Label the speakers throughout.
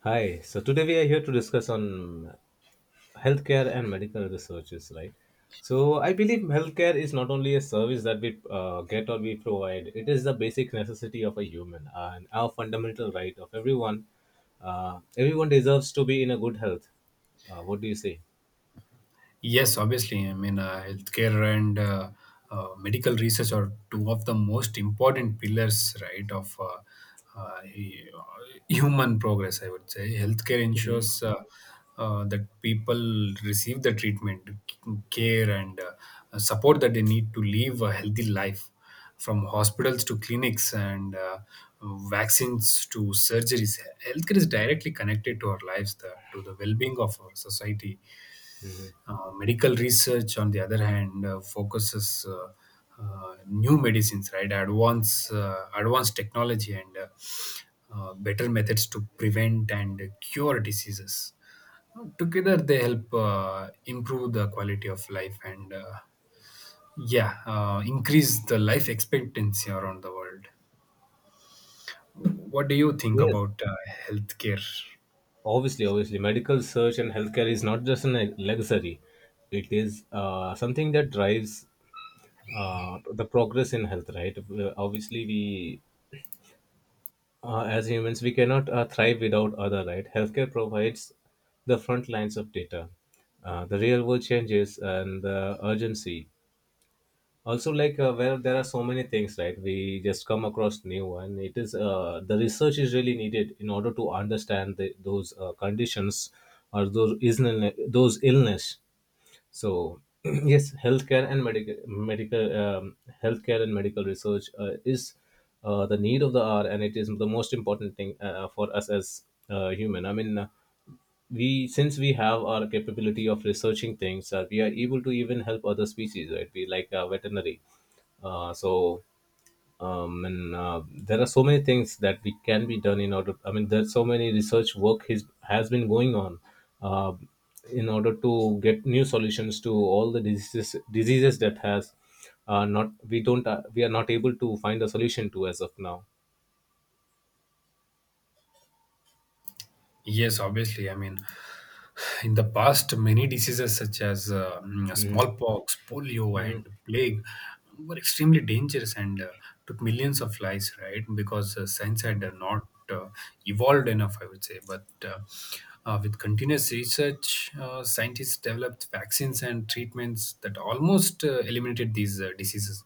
Speaker 1: Hi. So today we are here to discuss on healthcare and medical researches, right? So I believe healthcare is not only a service that we get or we provide; it is the basic necessity of a human and our fundamental right of everyone. Everyone deserves to be in a good health. What do you say?
Speaker 2: Yes, obviously. I mean, healthcare and medical research are two of the most important pillars, right, of human progress, I would say. Healthcare ensures that people receive the treatment, care, and support that they need to live a healthy life, from hospitals to clinics and vaccines to surgeries. Healthcare is directly connected to our lives, to the well being of our society. Uh, medical research, on the other hand, focuses new medicines, right? Advanced advanced technology and better methods to prevent and cure diseases. Together, they help improve the quality of life and yeah, increase the life expectancy around the world. What do you think
Speaker 1: Yes,
Speaker 2: about healthcare?
Speaker 1: obviously, obviously, medical search and healthcare is not just a luxury; it is something that drives the progress in health. Right? Obviously, we as humans, we cannot thrive without other, right? Healthcare provides the front lines of data, the real world changes, and the urgency. Also, like where there are so many things, right? We just come across new one. It is the research is really needed in order to understand the, those conditions or those those illness. So yes, healthcare and medical research is the need of the hour, and it is the most important thing for us as human. I mean, we since we have our capability of researching things, we are able to even help other species, right? We like veterinary. So and There are so many things that we can be done in order, I mean, there's so many research work has been going on uh, in order to get new solutions to all the diseases that has not we don't we are not able to find a solution to as of now.
Speaker 2: Yes, obviously. I mean, in the past, many diseases such as
Speaker 1: Mhm.
Speaker 2: smallpox, polio,
Speaker 1: Mhm.
Speaker 2: and plague were extremely dangerous and took millions of lives, right? Because science had not evolved enough, I would say. But With continuous research, scientists developed vaccines and treatments that almost eliminated these diseases.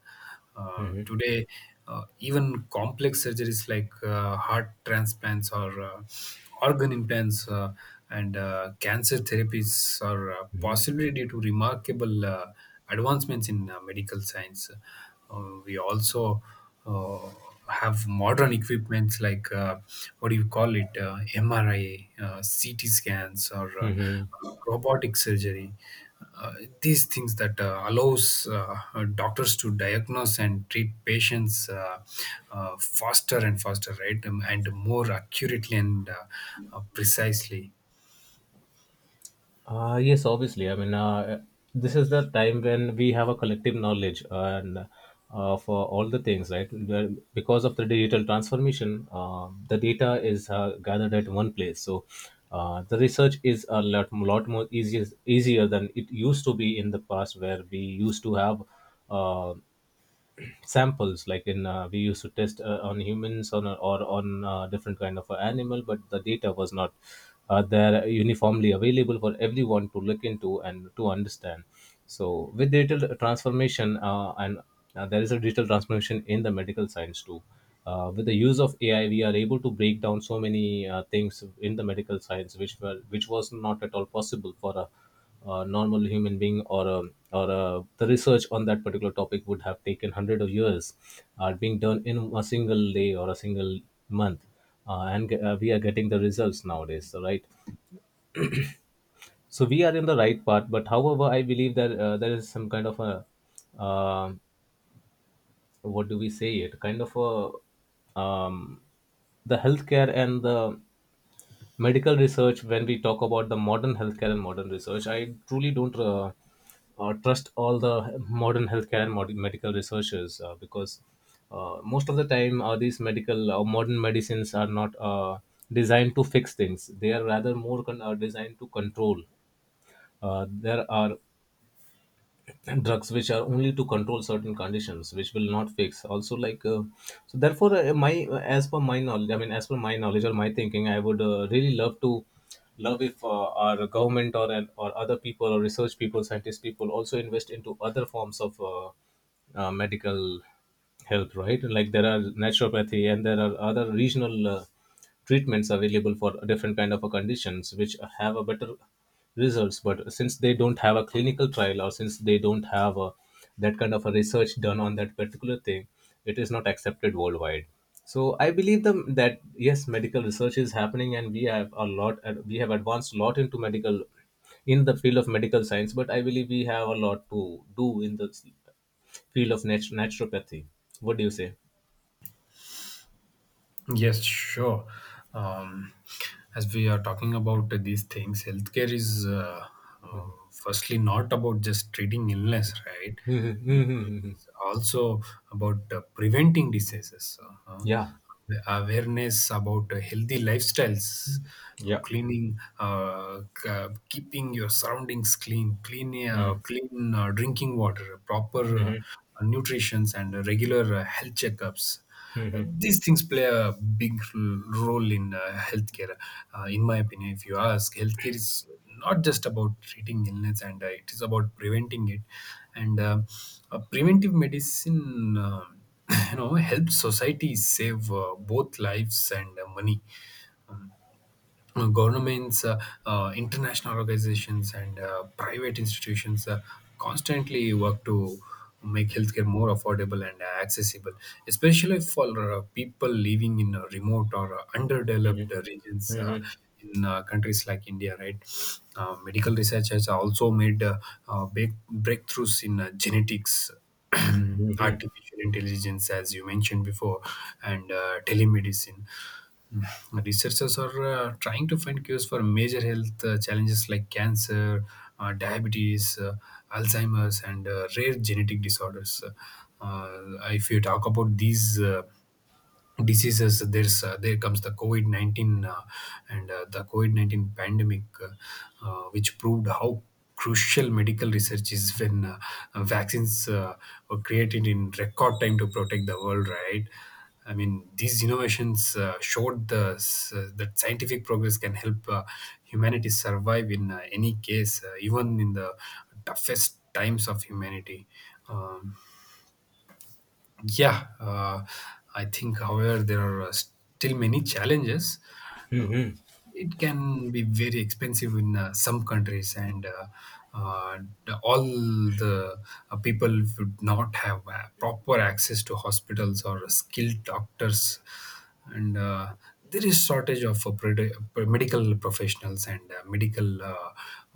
Speaker 2: Today, even complex surgeries like heart transplants or organ implants and cancer therapies are possibly due to remarkable advancements in medical science. We also uh, have modern equipments like what do you call it, mri, ct scans, or uh, robotic surgery, uh, these things that allows doctors to diagnose and treat patients faster and faster, right? And more accurately and precisely.
Speaker 1: Yes, obviously. I mean, this is the time when we have a collective knowledge and for all the things, right? Because of the digital transformation, the data is gathered at one place. So the research is a lot more easier than it used to be in the past, where we used to have uh, samples like in we used to test on humans on a, or on different kind of a animal, but the data was not there uniformly available for everyone to look into and to understand. So with digital transformation and there is a digital transformation in the medical science too, with the use of AI, we are able to break down so many things in the medical science, which was not at all possible for a normal human being, or the research on that particular topic would have taken hundred of years, being done in a single day or a single month, and we are getting the results nowadays, so, right? So we are in the right path, but however, I believe that there is some kind of a um what do we say it kind of a the healthcare and the medical research. When we talk about the modern healthcare and modern research, I truly don't trust all the modern healthcare and modern medical researchers, because most of the time these medical or modern medicines are not designed to fix things. They are rather more designed to control. There are drugs which are only to control certain conditions which will not fix, also like so therefore my as per my knowledge, I mean, as per my knowledge or my thinking, I would really love to love if our government or other people or research people scientist people also invest into other forms of medical health. Right, like there are naturopathy and there are other regional treatments available for different kind of a conditions which have a better results, but since they don't have a clinical trial or since they don't have a, that kind of a research done on that particular thing, it is not accepted worldwide. So I believe them that yes, medical research is happening and we have a lot, we have advanced a lot into medical, in the field of medical science, but I believe we have a lot to do in the naturopathy. What do you say?
Speaker 2: Yes, sure. Um, as we are talking about these things, healthcare is uh, firstly not about just treating illness, right? Uh, It's also about preventing diseases, uh,
Speaker 1: Yeah,
Speaker 2: awareness about healthy lifestyles,
Speaker 1: yeah.
Speaker 2: cleaning, keeping your surroundings clean drinking water, proper nutrition, and regular health checkups. These things play a big role in healthcare. In my opinion, if you ask, healthcare is not just about treating illness and it is about preventing it, and preventive medicine you know helps society save both lives and money. Governments, international organizations, and private institutions constantly work to make healthcare more affordable and accessible, especially for people living in remote or underdeveloped regions. In countries like India, right? Medical research has also made big breakthroughs in genetics, artificial intelligence, as you mentioned before, and telemedicine. Mm. Researchers are trying to find cures for major health challenges like cancer, diabetes, Alzheimer's, and rare genetic disorders. Uh, if you talk about these diseases, there comes the covid-19, and the covid-19 pandemic, which proved how crucial medical research is when vaccines were created in record time to protect the world, right? I mean, these innovations showed that scientific progress can help humanity survive in any case, even in the toughest times of humanity. um, yeah, uh, I think, however, there are still many challenges. It can be very expensive in some countries and uh, all the people would not have proper access to hospitals or skilled doctors, and there is shortage of medical professionals and medical uh,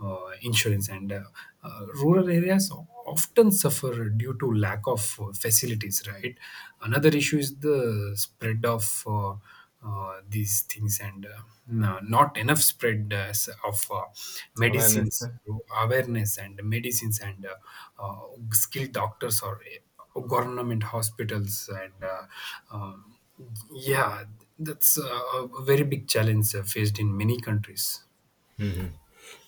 Speaker 2: uh, insurance, and rural areas often suffer due to lack of facilities, right? Another issue is the spread of these things, and not enough spread of
Speaker 1: Аваа
Speaker 2: medicines
Speaker 1: настай.
Speaker 2: through awareness and medicines and uh, skilled doctors or government hospitals and um, yeah, that's a very big challenge faced in many countries.
Speaker 1: Hmm.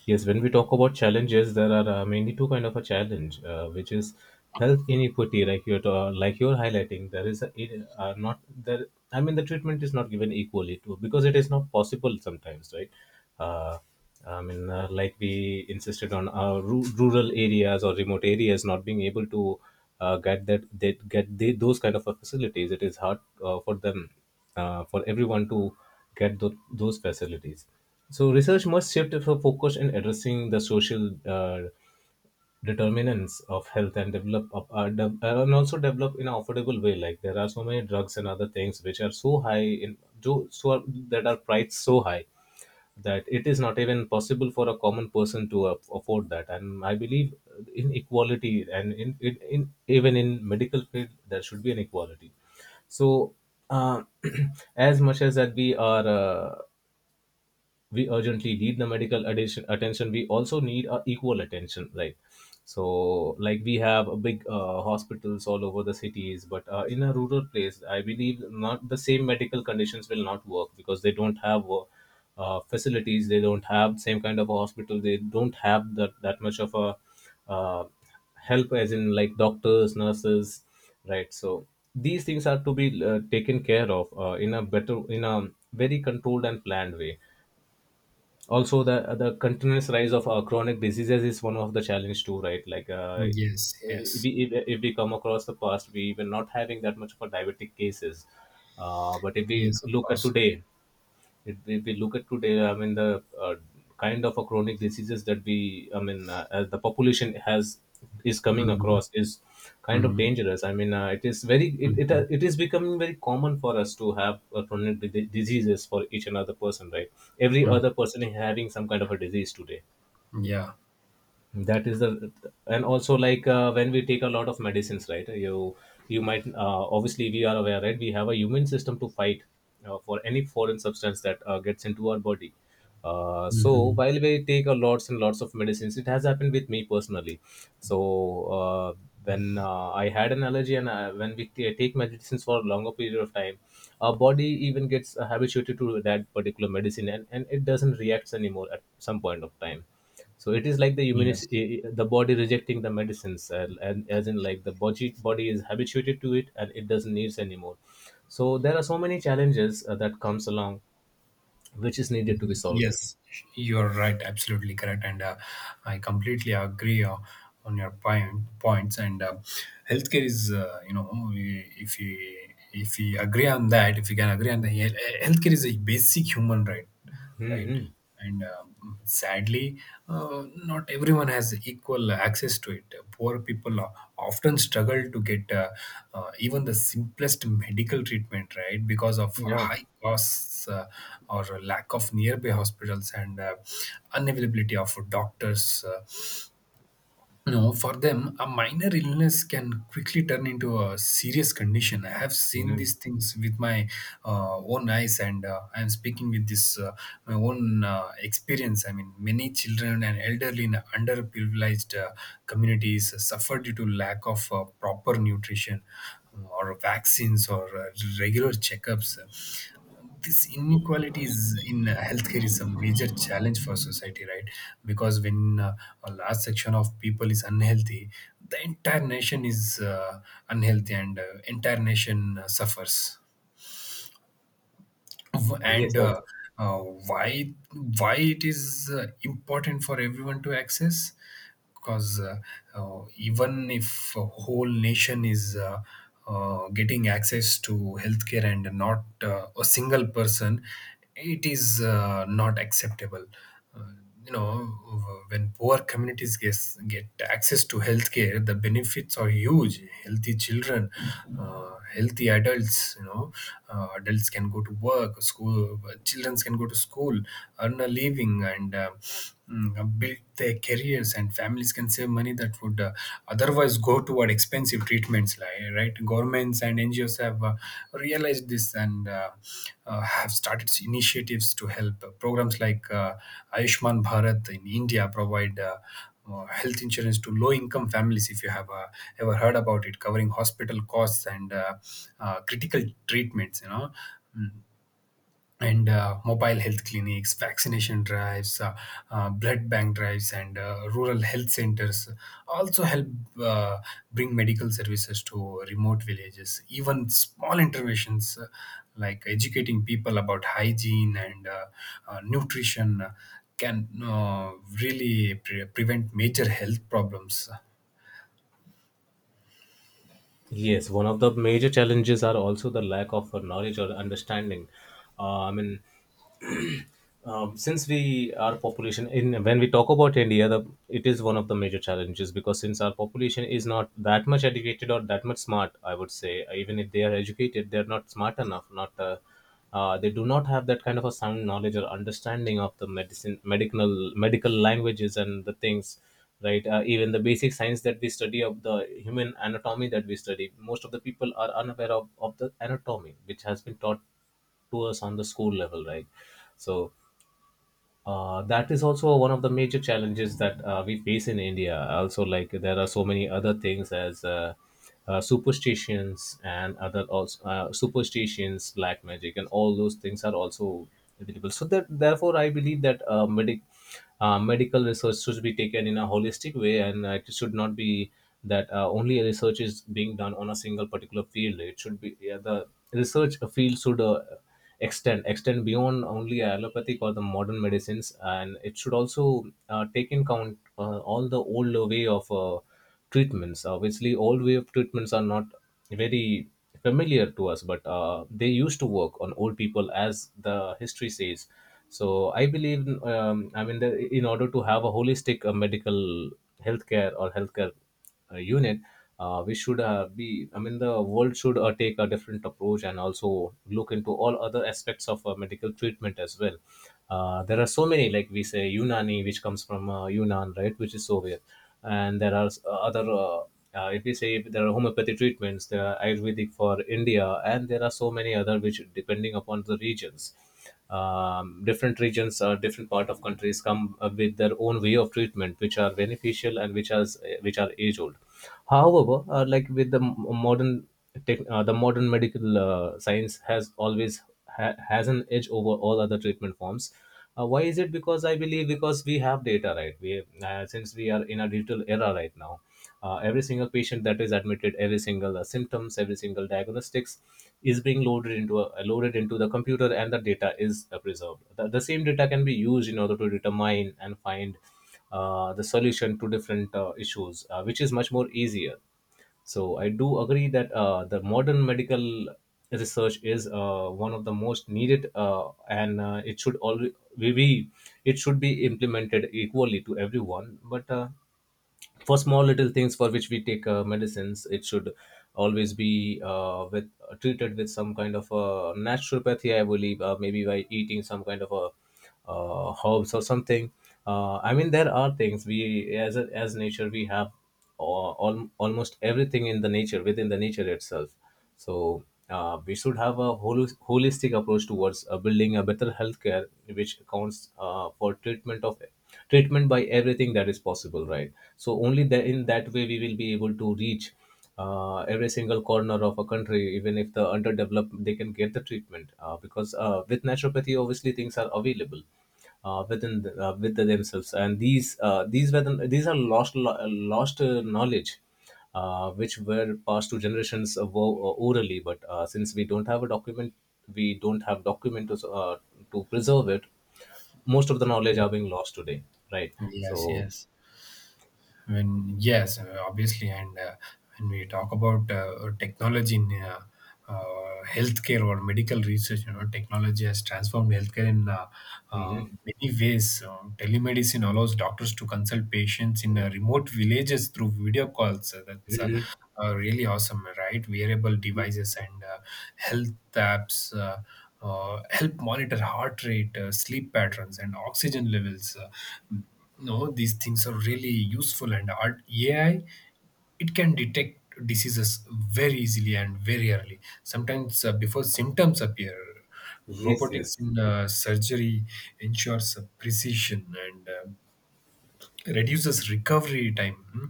Speaker 1: Yes, when we talk about challenges, there are mainly two kind of a challenge, which is health inequity, like you're like you're highlighting. There is not there. I mean, the treatment is not given equally to, because it is not possible sometimes, right? Uh, I mean, like we insisted on rural areas or remote areas not being able to get that they get the, those kind of a facilities. It is hard for them, for everyone to get those facilities. So research must shift her focus in addressing the social determinants of health and develop and also develop in an affordable way. Like there are so many drugs and other things which are so high in do so are, that are priced so high that it is not even possible for a common person to afford that. And I believe in equality and in even in medical field there should be an equality. So uh, as much as that we are. We urgently need the medical attention, we also need equal attention, right? So like we have a big hospitals all over the cities, but in a rural place I believe not the same medical conditions will not work because they don't have facilities, they don't have same kind of a hospital, they don't have that much of a uh, help, as in like doctors, nurses, right? So these things are to be taken care of in a better, in a very controlled and planned way. Also, the continuous rise of chronic diseases is one of the challenge too, right?
Speaker 2: Yes, yes.
Speaker 1: If we come across the past, we were not having that much of a diabetic cases, but if we
Speaker 2: Yes, of
Speaker 1: look at
Speaker 2: course.
Speaker 1: today, it if we look at today, I mean, the kind of a chronic diseases that we, I mean, as the population has is coming
Speaker 2: Hmm.
Speaker 1: across is kind of
Speaker 2: Hmm.
Speaker 1: dangerous. I mean,
Speaker 2: Hmm.
Speaker 1: it is becoming very common for us to have chronic diseases for each and other person, right? Every
Speaker 2: Hmm.
Speaker 1: other person is having some kind of a disease today.
Speaker 2: Yeah.
Speaker 1: That is the And also like when we take a lot of medicines, right, you might obviously we are aware, right, we have a immune system to fight for any foreign substance that gets into our body. So
Speaker 2: Hmm.
Speaker 1: while we take a lots and lots of medicines, it has happened with me personally. So when I had an allergy and when we take medicines for a longer period of time, our body even gets habituated to that particular medicine, and it doesn't react anymore at some point of time. So it is like
Speaker 2: Yes.
Speaker 1: the body rejecting the medicines, and as in like the body is habituated to it and it doesn't needs anymore. So there are so many challenges that comes along which is needed to be solved.
Speaker 2: Yes, you're right. Absolutely correct, and I completely agree on your points. And healthcare is, you know, if you, if we agree on that, if we can agree on the healthcare is a basic human right, right?
Speaker 1: Hmm.
Speaker 2: And sadly not everyone has equal access to it. Poor people often struggle to get even the simplest medical treatment, right? Because of
Speaker 1: Yeah.
Speaker 2: high costs or lack of nearby hospitals and unavailability of doctors, no, for them, a minor illness can quickly turn into a serious condition. I have seen
Speaker 1: Mhm.
Speaker 2: these things with my own eyes, and I am speaking with this, my own experience. I mean, many children and elderly in underprivileged communities suffer due to lack of proper nutrition, or vaccines, or regular checkups. This inequality is in healthcare is a major challenge for society, right? Because when a large section of people is unhealthy, the entire nation is unhealthy, and entire nation suffers.
Speaker 1: yes
Speaker 2: And
Speaker 1: ob-
Speaker 2: uh, why why it is important for everyone to access, because even if a whole nation is getting access to healthcare and not a single person, it is not acceptable. Uh, you know, when poor communities get access to healthcare, the benefits are huge: healthy children, healthy adults. You know, adults can go to work, school children can go to school, earn a living, and build their careers, and families can save money that would otherwise go toward expensive treatments. Right, governments and ngos have realized this, and have started initiatives to help. Programs like ayushman bharat in india provide health insurance to low income families, if you have ever heard about it, covering hospital costs and critical treatments, you know. Mm. And mobile health clinics, vaccination drives, blood bank drives, and rural health centers also help uh, bring medical services to remote villages. Even small interventions like educating people about hygiene and nutrition can really prevent major health problems.
Speaker 1: yes, one of the major challenges are also the lack of knowledge or understanding. uh, i mean since we, our population, in when we talk about India, the, it is one of the major challenges, because since our population is not that much educated or that much smart, I would say even if they are educated they are not smart enough, not they do not have that kind of a sound knowledge or understanding of the medicine, medical languages and the things, right? Even the basic science that we study of the human anatomy that we study, most of the people are unaware of the anatomy which has been taught to us on the school level, right? So that is also one of the major challenges that we face in India. Also, like there are so many other things as superstitions and other, also superstitions, black magic, and all those things are also available. So that therefore, I believe that medical research should be taken in a holistic way, and it should not be that only research is being done on a single particular field. It should be, yeah, the research field should extend beyond only allopathic or the modern medicines, and it should also take in count all the old way of treatments. Obviously, old way of treatments are not very familiar to us, but they used to work on old people, as the history says. So I believe, I mean, in order to have a holistic medical healthcare or healthcare unit, we should be, I mean the world should take a different approach, and also look into all other aspects of medical treatment as well. There are so many, like we say, unani, which comes from Yunnan, right, which is Soviet. And there are other if we say, there are homeopathy treatments, there are ayurvedic for India, and there are so many other which, depending upon the regions, different regions or different part of countries, come with their own way of treatment, which are beneficial and which are age old. However, like with the modern tech, the modern medical science has always has an edge over all other treatment forms. Why is it? Because I believe, because we have data, right? We uh, since we are in a digital era right now, every single patient that is admitted, every single symptoms, every single diagnostics is being loaded into the computer, and the data is preserved. The same data can be used in order to determine and find the solution to different issues, which is much more easier. So I do agree that the modern medical research is one of the most needed, and it should all we it should be implemented equally to everyone. But for small little things for which we take medicines, it should always be with treated with some kind of naturopathy. I believe maybe by eating some kind of a herbs or something. I mean, there are things we as nature we have almost everything in the nature, within the nature itself. So we should have a holistic approach towards building a better healthcare, which accounts for treatment by everything that is possible, right? So only that, in that way, we will be able to reach every single corner of a country, even if the underdeveloped, they can get the treatment, because with naturopathy, obviously, things are available with the themselves. And these are lost knowledge, which were passed to generations of orally, but since we don't have a document, we don't have document to preserve it. Most of the knowledge are being lost today, right?
Speaker 2: Yes,
Speaker 1: So.
Speaker 2: yes. Obviously, and when we talk about technology in healthcare or medical research, you know, technology has transformed healthcare in
Speaker 1: Mm-hmm.
Speaker 2: many ways. Telemedicine allows doctors to consult patients in remote villages through video calls. That's really awesome, right? Wearable devices and health apps help monitor heart rate, sleep patterns, and oxygen levels. No, these things are really useful, and art AI, it can detect diseases very easily and very early. Sometimes before symptoms appear.
Speaker 1: Yes,
Speaker 2: Robotics
Speaker 1: yes.
Speaker 2: in surgery ensures precision and reduces recovery time. Hmm.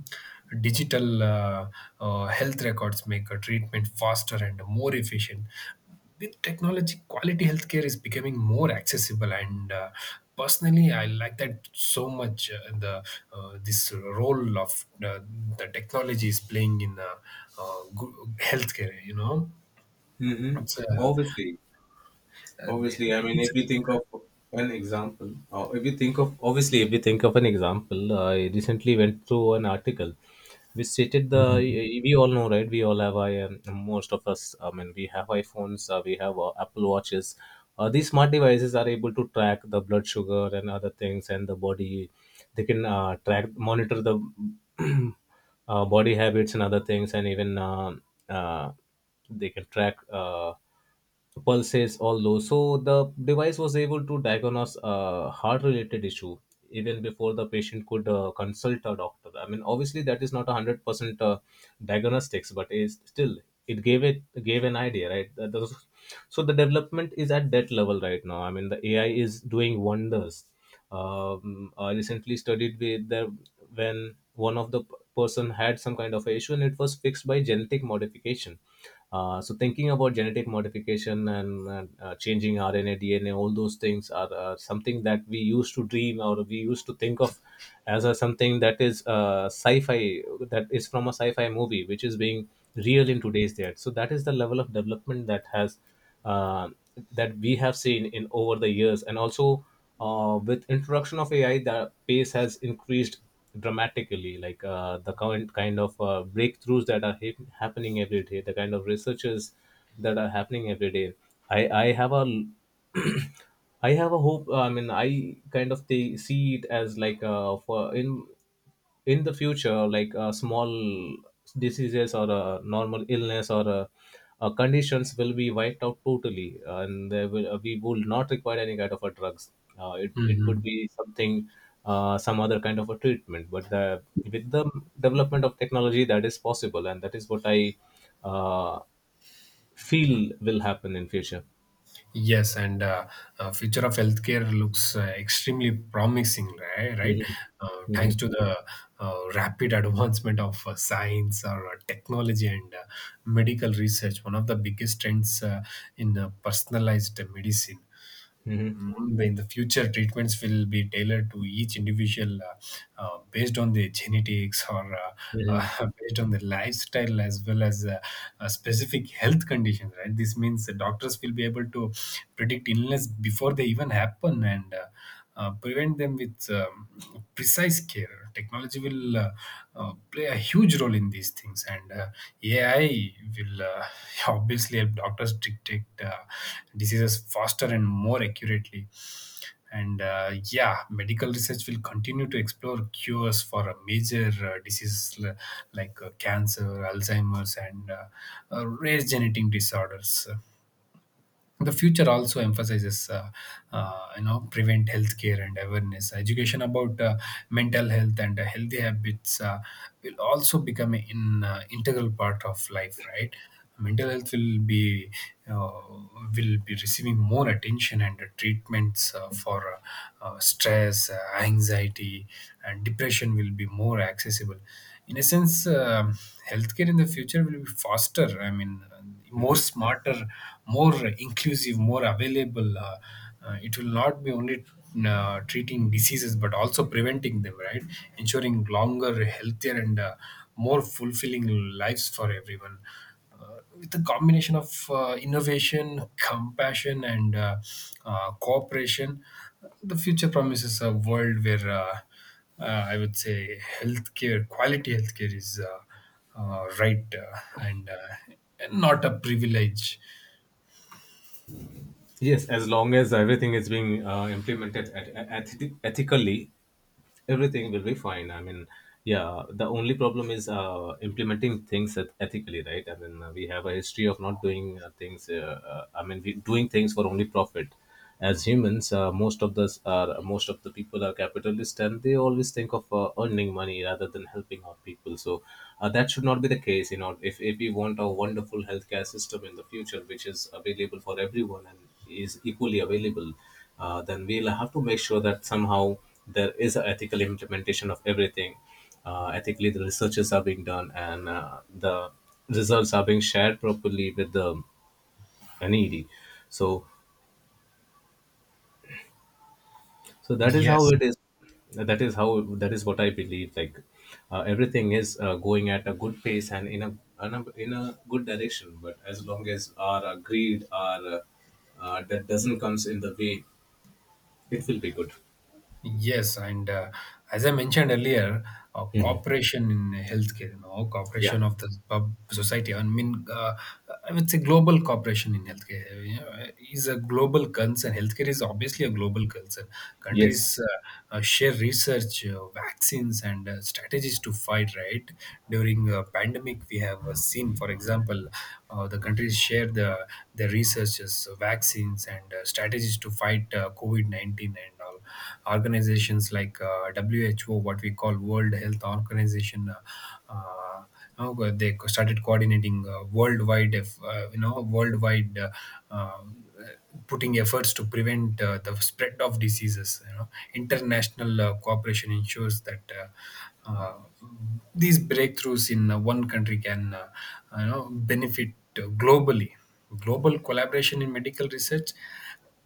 Speaker 2: Digital health records make a treatment faster and more efficient. With technology, quality healthcare is becoming more accessible, and personally, I like that so much. The This role of the technology is playing in good healthcare, you know,
Speaker 1: Hmm.
Speaker 2: it's uh,
Speaker 1: Obviously.
Speaker 2: uh,
Speaker 1: Obviously, I mean, if
Speaker 2: it's.
Speaker 1: you think of an example, if you think of obviously, if you think of an example, I recently went through an article which stated the
Speaker 2: Mhm.
Speaker 1: we all know, right? We all have I most of us, I mean, we have iPhones, we have Apple watches. These smart devices are able to track the blood sugar and other things and the body. They can track, monitor the body habits and other things, and even uh, they can track. Pulses, all those. So the device was able to diagnose a heart-related issue even before the patient could consult a doctor. I mean, obviously, that is not 100% diagnostics, but is still it gave an idea, right? So the development is at that level right now. I mean, the AI is doing wonders. I recently studied with the when one of the person had some kind of a issue, and it was fixed by genetic modification. So thinking about genetic modification, and changing RNA DNA, all those things are something that we used to dream or we used to think of something that is sci-fi, that is from a sci-fi movie which is being real in today's day. So that is the level of development uh, that we have seen in over the years. And also with introduction of AI, the pace has increased dramatically, like the current kind of breakthroughs that are happening every day, the kind of researches that are happening every day. I have a I have a hope. I mean, I kind of see it as like for in the future, like small diseases or a normal illness or conditions will be wiped out totally, and there will we will not require any kind of a drugs. It would
Speaker 2: Mhm.
Speaker 1: be something. Some other kind of a treatment, but the with the development of technology, that is possible, and that is what I uh, feel will happen in future.
Speaker 2: Yes, and future of healthcare looks extremely promising, right? Right,
Speaker 1: Mhm.
Speaker 2: uh, thanks
Speaker 1: Mhm.
Speaker 2: to the rapid advancement of science or technology and medical research. One of the biggest trends in personalized medicine.
Speaker 1: Mhm.
Speaker 2: Mm, in the future, treatments will be tailored to each individual based on their genetics or
Speaker 1: Mhm.
Speaker 2: based on their lifestyle as well as specific health conditions, right? This means the doctors will be able to predict illness before they even happen, and prevent them with precise care. Technology will play a huge role in these things, and AI will obviously help doctors detect diseases faster and more accurately. And medical research will continue to explore cures for major like cancer, Alzheimer's, and rare genetic disorders. The future also emphasizes you know prevent healthcare, and awareness education about mental health and healthy habits will also become an integral part of life, right? Mental health uh, will be receiving more attention, and treatments for stress, anxiety, and depression will be more accessible. In a sense, healthcare in the future will be faster, I mean, more smarter, more inclusive, more available. It will not be only treating diseases but also preventing them, right? Ensuring longer, healthier, and more fulfilling lives for everyone. With a combination of innovation, compassion, and cooperation, the future promises a world where I would say healthcare, quality healthcare is. Right , and not a privilege.
Speaker 1: Yes, as long as everything is being implemented, ethically, everything will be fine. I mean, yeah, the only problem is implementing things ethically, right? I mean, we have a history of not doing things, I mean, we doing things for only profit as humans. Most of the people are capitalist, and they always think of earning money rather than helping out people. So that should not be the case. If we want a wonderful healthcare system in the future which is available for everyone and is equally available, then we'll have to make sure that somehow there is an ethical implementation of everything. Ethically, the researches are being done, and the results are being shared properly with the NED. So, so, that is how
Speaker 2: yes
Speaker 1: it is. That is what I believe. Like everything is going at a good pace, and in a good direction. But as long as our greed, our that doesn't comes in the way, it will be good.
Speaker 2: Yes, and as I mentioned earlier,
Speaker 1: Mhm.
Speaker 2: cooperation in healthcare, you know,
Speaker 1: Yeah.
Speaker 2: cooperation of the pub society. I mean. I would say global cooperation in healthcare, you know, is a global concern. Healthcare is obviously a global concern.
Speaker 1: Yes.
Speaker 2: Countries share research, vaccines, and strategies to fight, right, during a pandemic. We have seen, for example, the countries share their researches, vaccines, and strategies to fight COVID 19, and all organizations like who, what we call World Health Organization, uh, uh, you know, they started coordinating worldwide, if you know, worldwide, uh, putting efforts to prevent the spread of diseases, you know. International cooperation ensures that uh, these breakthroughs in one country can, you know, benefit globally. Global collaboration in medical research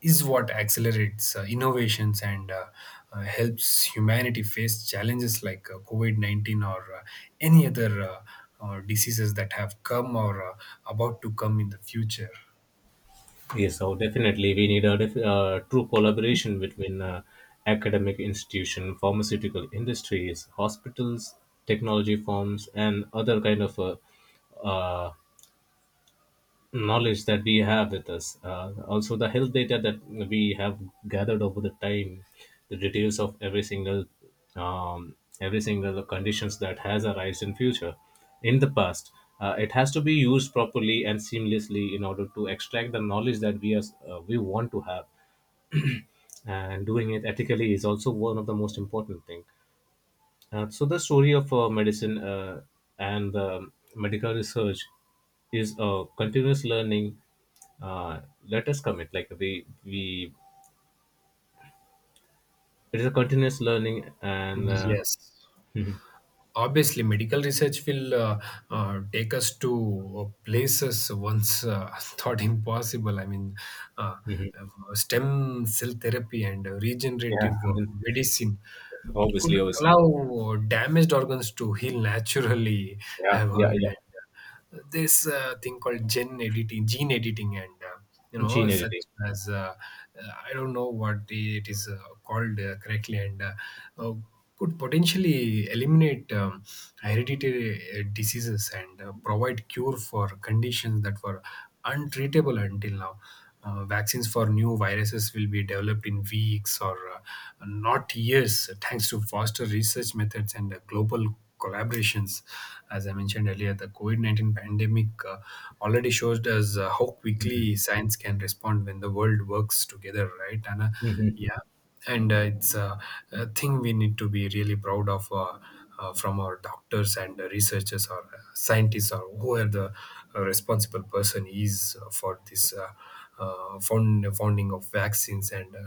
Speaker 2: is what accelerates innovations and helps humanity face challenges like COVID 19, or any other diseases that have come or about to come in the future.
Speaker 1: Yes, so definitely we need a true collaboration between academic institution, pharmaceutical industries, hospitals, technology firms, and other kind of uh, knowledge that we have with us. Also, the health data that we have gathered over the time, the details of every single conditions that has arisen in the past. It has to be used properly and seamlessly in order to extract the knowledge that we want to have, and doing it ethically is also one of the most important thing. So the story of medicine and the medical research is a continuous learning. Uh, let us commit. Like we it is a continuous learning, and
Speaker 2: Yes. Obviously medical research will take us to places once thought impossible. I mean, uh, stem cell therapy and
Speaker 1: yeah.
Speaker 2: regenerative
Speaker 1: I mean,
Speaker 2: medicine could
Speaker 1: obviously.
Speaker 2: allow damaged organs to heal naturally. I
Speaker 1: Yeah,
Speaker 2: have
Speaker 1: yeah, yeah.
Speaker 2: heard this thing called gene editing, and you know,
Speaker 1: Gene
Speaker 2: such
Speaker 1: editing.
Speaker 2: as, I don't know what it is called correctly, and uh, could potentially eliminate hereditary diseases and provide cure for conditions that were untraceable until now. Vaccines for new viruses will be developed in weeks, or not years, thanks to faster research methods and global collaborations. As I mentioned earlier, the COVID 19 pandemic already shows us how quickly science can respond when the world works together, right, Anna?
Speaker 1: Mhm.
Speaker 2: Yeah. And it's a thing we need to be really proud of, from our doctors and researchers or scientists or whoever the responsible person is for this founding of vaccines and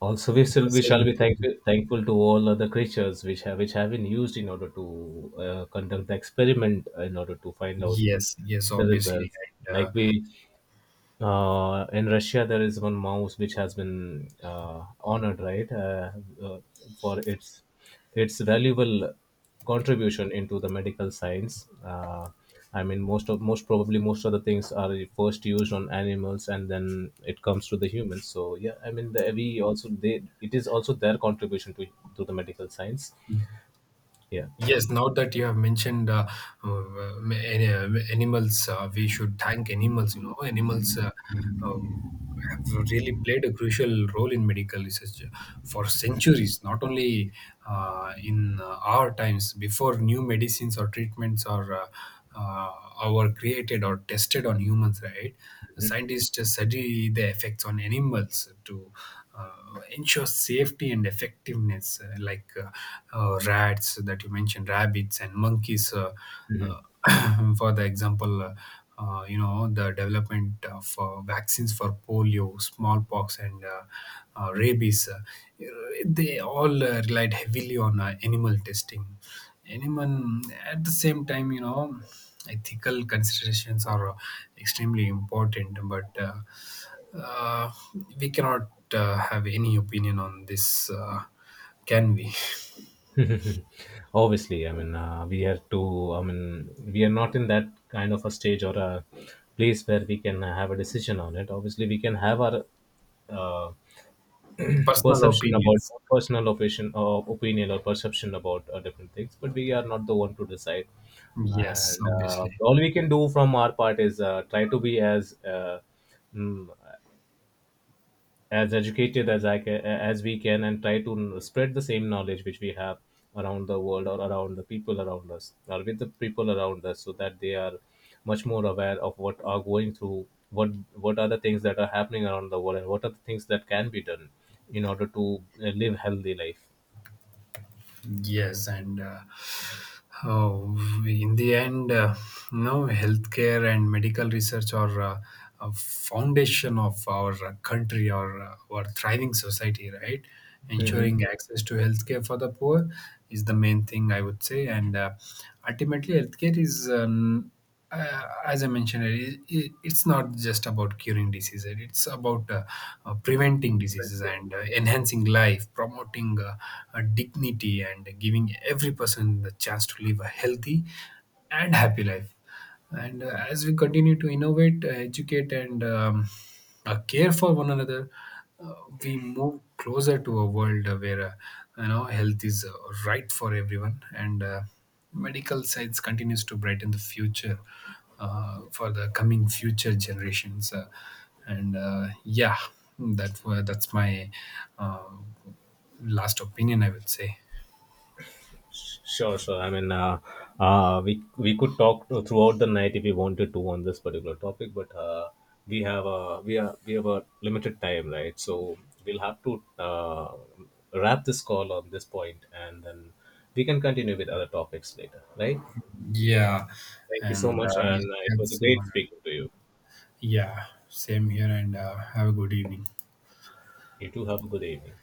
Speaker 1: Also, we shall
Speaker 2: saving
Speaker 1: be
Speaker 2: the-
Speaker 1: thankful to all other creatures which have been used in order to conduct the experiment in order to find out
Speaker 2: Yes, yes,
Speaker 1: the
Speaker 2: obviously.
Speaker 1: results.
Speaker 2: And
Speaker 1: Like we in Russia, there is one mouse which has been honored, right, uh, for its valuable contribution into the medical science. I mean, most probably, most of the things are first used on animals, and then it comes to the humans. So yeah, I mean, the, we also they it is also their contribution to the medical science. Yeah,
Speaker 2: yes, now that you have mentioned animals, we should thank animals. You know, animals uh, have really played a crucial role in medical research for centuries, not only in our times, before new medicines or treatments were created or tested on humans, right?
Speaker 1: mhm.
Speaker 2: Scientists just study the effects on animals to uh, ensures safety and effectiveness, like rats that you mentioned, rabbits and monkeys. Uh, for the example, you know, the development of vaccines for polio, smallpox, and rabies. They all relied heavily on animal testing. Animal At the same time, you know, ethical considerations are extremely important, but uh, we cannot have any opinion on this. Can we?
Speaker 1: Obviously. I mean, we are to. I mean, we are not in that kind of a stage or a place where we can have a decision on it. Obviously, we can have our uh,
Speaker 2: Personal
Speaker 1: perception about
Speaker 2: opinions.
Speaker 1: personal opinion or opinion or perception about different things, but we are not the one to decide.
Speaker 2: Yes,
Speaker 1: And
Speaker 2: obviously.
Speaker 1: all we can do from our part is try to be as mm, as educated as I can, as we can, and try to spread the same knowledge which we have around the world, or around the people around us, or with the people around us, so that they are much more aware of what are going through, what are the things that are happening around the world, and what are the things that can be done in order to live healthy life.
Speaker 2: Yes, and oh, in the end, no, healthcare and medical research are a foundation of our country or our thriving society, right?
Speaker 1: Hmm.
Speaker 2: Ensuring access to healthcare for the poor is the main thing, I would say, and ultimately, healthcare is, as I mentioned, it's not just about curing diseases. It's about preventing diseases and enhancing life, promoting dignity, and giving every person the chance to live a healthy and happy life. And as we continue to innovate, educate, and care for one another, uh, we move closer to a world where you know, health is right for everyone, and. Medical science continues to brighten the future for the coming future generations, and yeah, that's my uh, last opinion, I would say.
Speaker 1: Sure, sure. I mean, we could talk throughout the night if we wanted to on this particular topic. But we have a limited time, right? So we'll have to wrap this call on this point, and then we can continue with other topics later, right?
Speaker 2: Yeah,
Speaker 1: Thank you so
Speaker 2: and
Speaker 1: much, and
Speaker 2: we'll
Speaker 1: it
Speaker 2: get
Speaker 1: was a great
Speaker 2: someone.
Speaker 1: speaking to you.
Speaker 2: Yeah, same here, and have a good evening.
Speaker 1: You too, have a good evening.